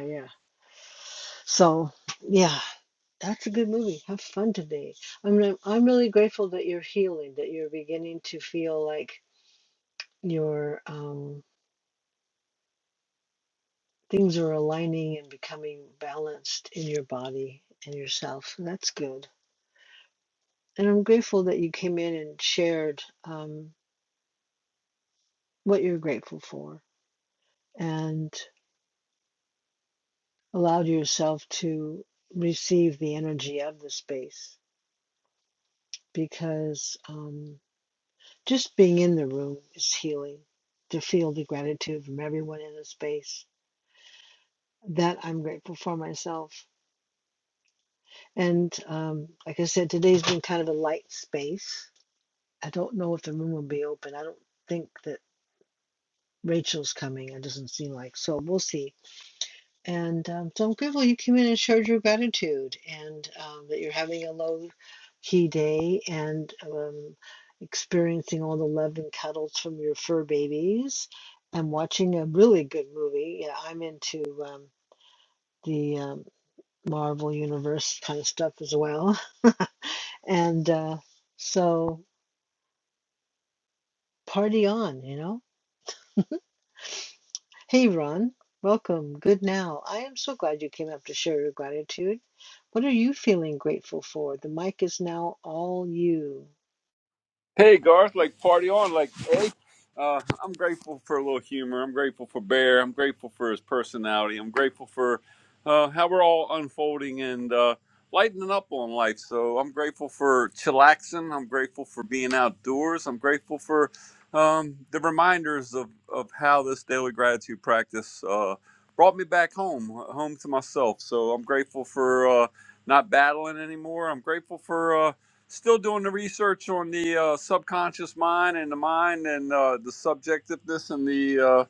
Hey Garth, like party on, like hey. Uh, I'm grateful for a little humor. I'm grateful for Bear. I'm grateful for his personality. I'm grateful for uh, how we're all unfolding and uh, lightening up on life. So I'm grateful for chillaxing. I'm grateful for being outdoors. I'm grateful for um, the reminders of, of how this daily gratitude practice uh, brought me back home, home to myself. So I'm grateful for uh, not battling anymore. I'm grateful for. uh, still doing the research on the uh, subconscious mind and the mind and uh, the subjectiveness and the uh,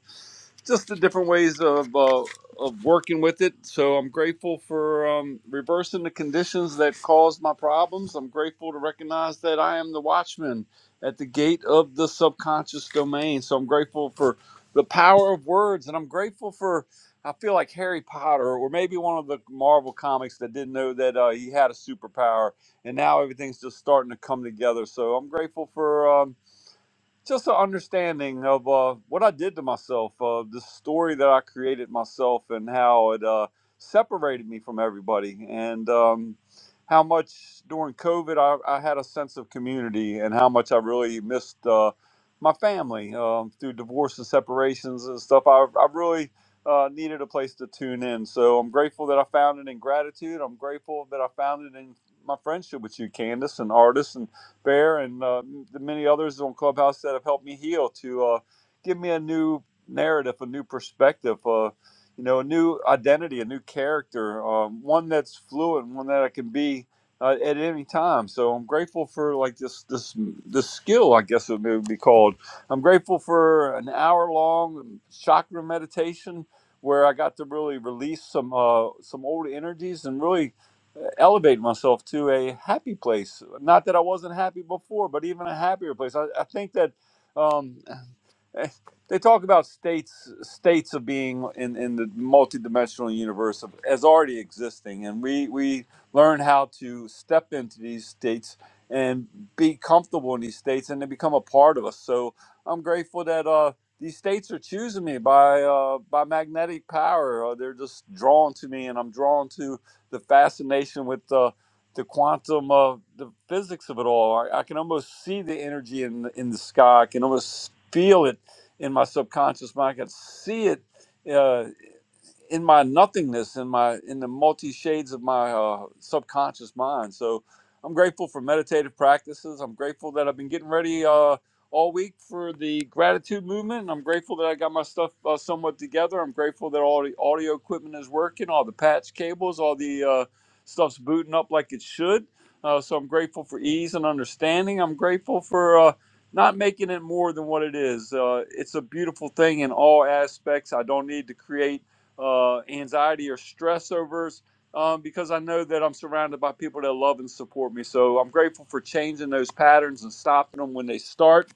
just the different ways of uh, of working with it. So I'm grateful for um, reversing the conditions that caused my problems. I'm grateful to recognize that I am the watchman at the gate of the subconscious domain. So I'm grateful for the power of words, and I'm grateful for. I feel like Harry Potter, or maybe one of the Marvel comics that didn't know that uh, he had a superpower, and now everything's just starting to come together. So I'm grateful for. Um, just an understanding of uh, what I did to myself, uh, the story that I created myself, and how it uh, separated me from everybody, and um, how much during COVID I, I had a sense of community, and how much I really missed uh, my family um, through divorce and separations and stuff. I, I really uh, needed a place to tune in, so I'm grateful that I found it in gratitude. I'm grateful that I found it in my friendship with you, Candace, an artist, and Bear and uh, the many others on Clubhouse that have helped me heal to uh, give me a new narrative, a new perspective, uh, you know, a new identity, a new character, um, one that's fluid, one that I can be uh, at any time. So I'm grateful for like this this this skill, I guess it would be called. I'm grateful for an hour long chakra meditation where I got to really release some uh, some old energies and really elevate myself to a happy place. Not that I wasn't happy before, but even a happier place. I, I think that. Um, eh, they talk about states states of being in, in the multidimensional universe of, as already existing and we we learn how to step into these states and be comfortable in these states and they become a part of us so i'm grateful that uh these states are choosing me by uh, by magnetic power. Or they're just drawn to me, and I'm drawn to the fascination with uh, the quantum of the physics of it all. I, I can almost see the energy in the, in the sky. I can almost feel it in my subconscious mind. I could see it. Uh, in my nothingness in my in the multi shades of my uh, subconscious mind so i'm grateful for meditative practices i'm grateful that i've been getting ready uh, all week for the gratitude movement i'm grateful that i got my stuff uh, somewhat together i'm grateful that all the audio equipment is working all the patch cables all the uh, stuff's booting up like it should uh, so i'm grateful for ease and understanding i'm grateful for uh, not making it more than what it is uh, it's a beautiful thing in all aspects i don't need to create uh, anxiety or stress overs um, because I know that I'm surrounded by people that love and support me. So I'm grateful for changing those patterns and stopping them when they start.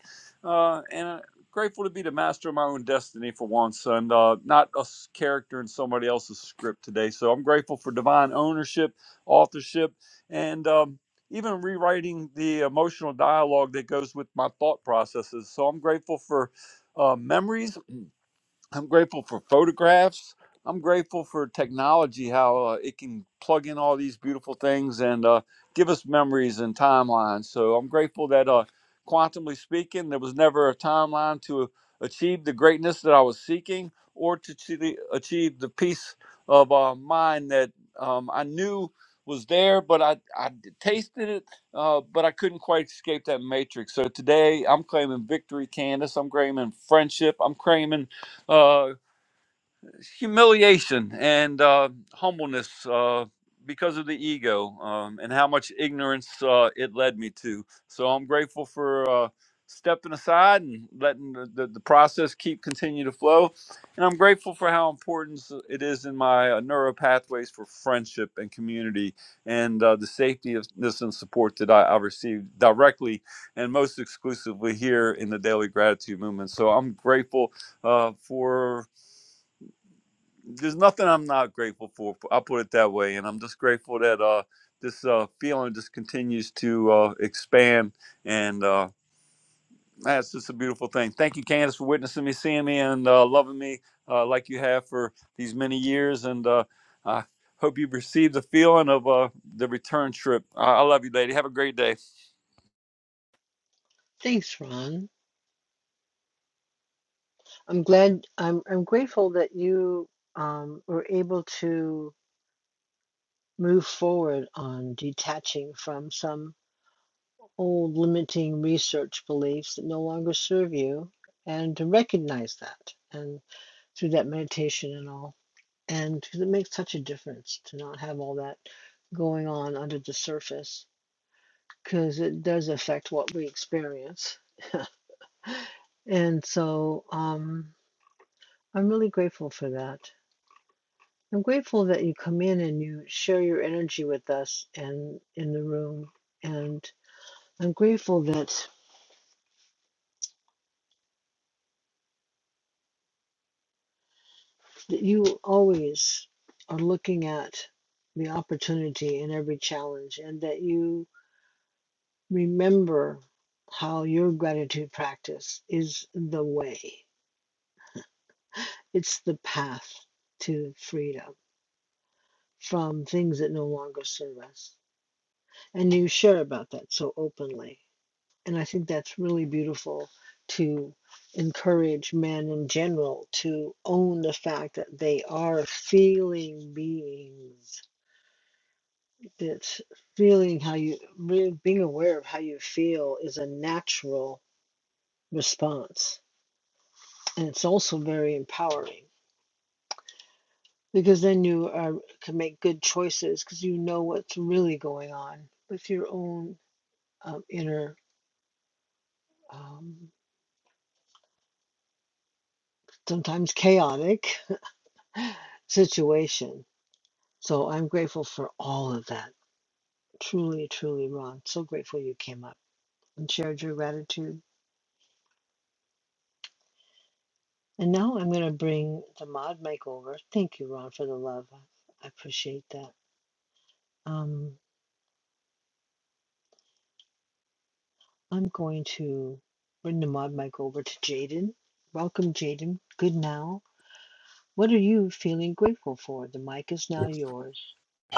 Uh, and i grateful to be the master of my own destiny for once and uh, not a s- character in somebody else's script today. So I'm grateful for divine ownership, authorship, and um, even rewriting the emotional dialogue that goes with my thought processes. So I'm grateful for. Uh, memories I'm grateful for photographs. I'm grateful for technology, how uh, it can plug in all these beautiful things and uh, give us memories and timelines. So I'm grateful that, uh, quantumly speaking, there was never a timeline to achieve the greatness that I was seeking or to achieve the achieve the peace of uh, mind that um, I knew was there, but I, I tasted it, uh, but I couldn't quite escape that matrix. So today I'm claiming victory, Candace. I'm claiming friendship. I'm claiming uh, humiliation and uh, humbleness uh, because of the ego um, and how much ignorance uh, it led me to. So I'm grateful for uh, stepping aside and letting the, the, the process keep continue to flow. And I'm grateful for how important it is in my uh, neuro pathways for friendship and community and uh, the safety of this and support that I, I received directly and most exclusively here in the Daily Gratitude Movement. So I'm grateful uh, for there's nothing I'm not grateful for. I'll put it that way, and I'm just grateful that uh, this uh, feeling just continues to uh, expand, and uh, that's just a beautiful thing. Thank you, Candace, for witnessing me, seeing me, and uh, loving me uh, like you have for these many years, and uh, I hope you receive the feeling of uh, the return trip. I-, I love you, lady. Have a great day.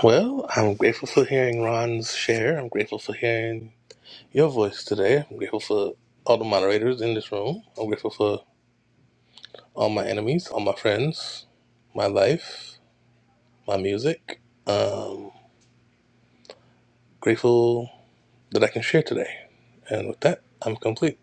Well, I'm grateful for hearing Ron's share. I'm grateful for hearing your voice today. I'm grateful for all the moderators in this room. I'm grateful for all my enemies, all my friends, my life, my music. Grateful that I can share today. And with that, I'm complete.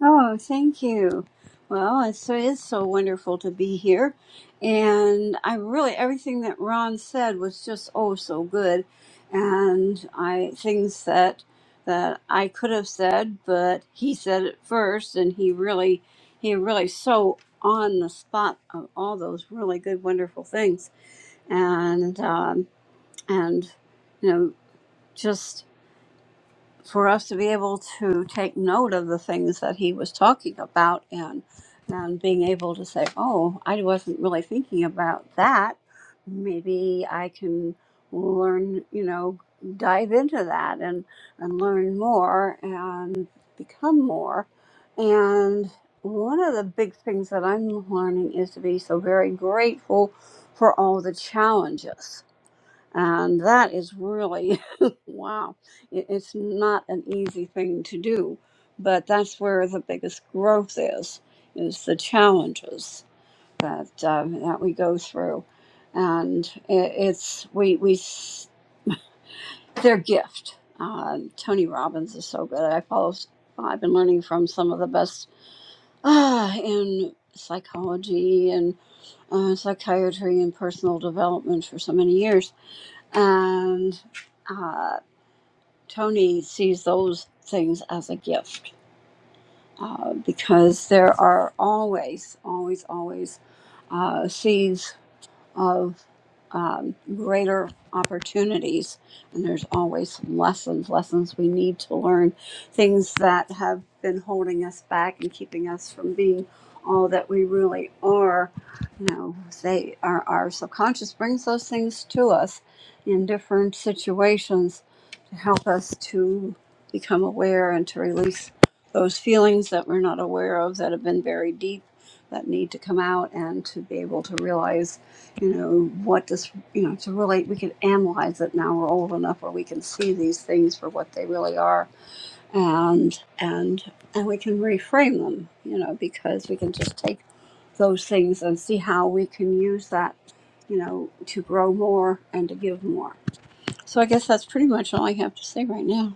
Oh, thank you. Well, it so is so wonderful to be here. And I really, everything that Ron said was just oh so good. And I, things that, that I could have said, but he said it first and he really, he really so on the spot of all those really good, wonderful things. And, um, and, you know, just for us to be able to take note of the things that he was talking about and and being able to say, "Oh, I wasn't really thinking about that. Maybe I can learn, you know, dive into that and and learn more and become more." And one of the big things that I'm learning is to be so very grateful for all the challenges and that is really, wow, it, it's not an easy thing to do. But that's where the biggest growth is, is the challenges that, um, that we go through. And it, it's, we, we, s- their gift. Uh, Tony Robbins is so good. I follow, s- I've been learning from some of the best ah, in psychology and uh, psychiatry and personal development for so many years. And uh, Tony sees those things as a gift uh, because there are always, always, always uh, seeds of um, greater opportunities. And there's always lessons, lessons we need to learn, things that have been holding us back and keeping us from being all that we really are. You know, they our, our subconscious brings those things to us in different situations to help us to become aware and to release those feelings that we're not aware of that have been buried deep that need to come out and to be able to realize you know what does you know to really we can analyze it now we're old enough where we can see these things for what they really are and and and we can reframe them you know because we can just take those things and see how we can use that you know to grow more and to give more so i guess that's pretty much all i have to say right now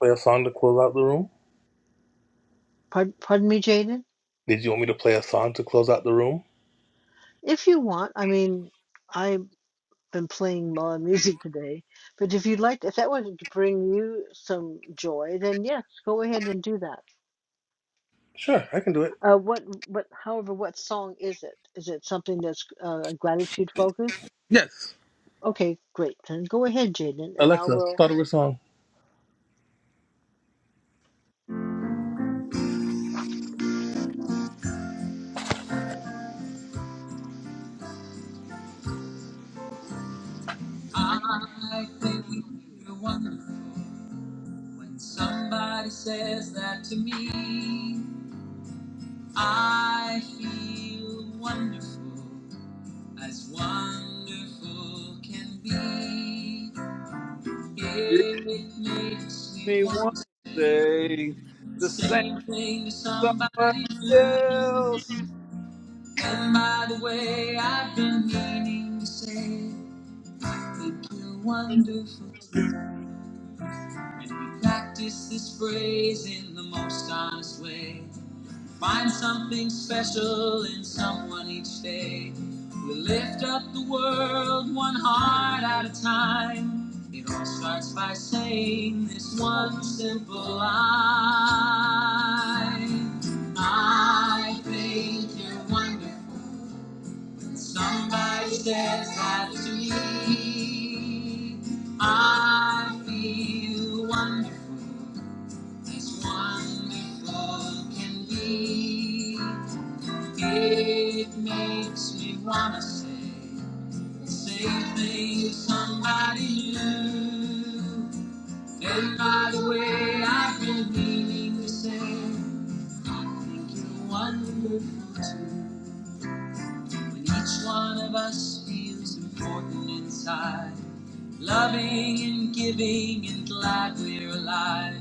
Play a song to close out the room? Did you want me to play a song to close out the room? Sure, I can do it. Yes. Alexa, start over a song. I think you're wonderful. When somebody says that to me, I feel wonderful, as wonderful can be. Yeah,
Give
It makes me
me one
want to say
day
the
to say
same thing to
somebody
somebody new.
else.
And by the way, I've been meaning to say that you're wonderful. And we practice this phrase in the most honest way. Find something special in someone each day. We lift up the world one heart at a time. It all starts by saying this one simple line. I think you're wonderful. And somebody says that to me. I feel wonderful as wonderful can be. It makes me wanna say the same thing to somebody new. And by the way, I've been meaning to say, I think you're wonderful too. When each one of us feels important inside, loving and giving and glad we're alive.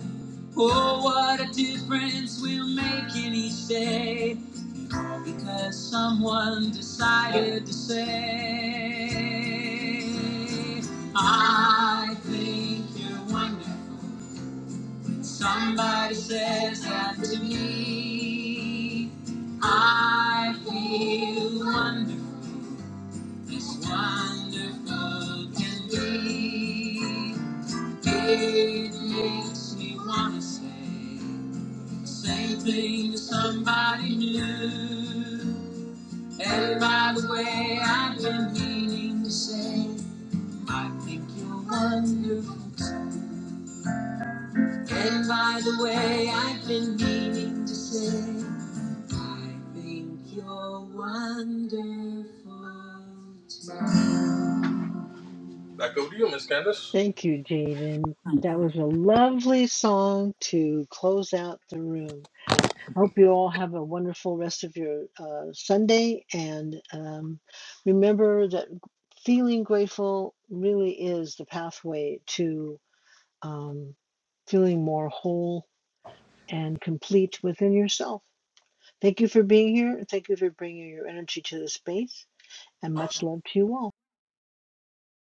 Oh, what a difference we'll make in each day because someone decided to say, I think you're wonderful. Somebody says that to me. I feel wonderful, as wonderful can be. It makes me want to say the same thing to somebody new. And by the way, I've been meaning to say, I think you're wonderful. And by the way, I've been meaning to say, I think you're wonderful. Back over to you, Miss Candace.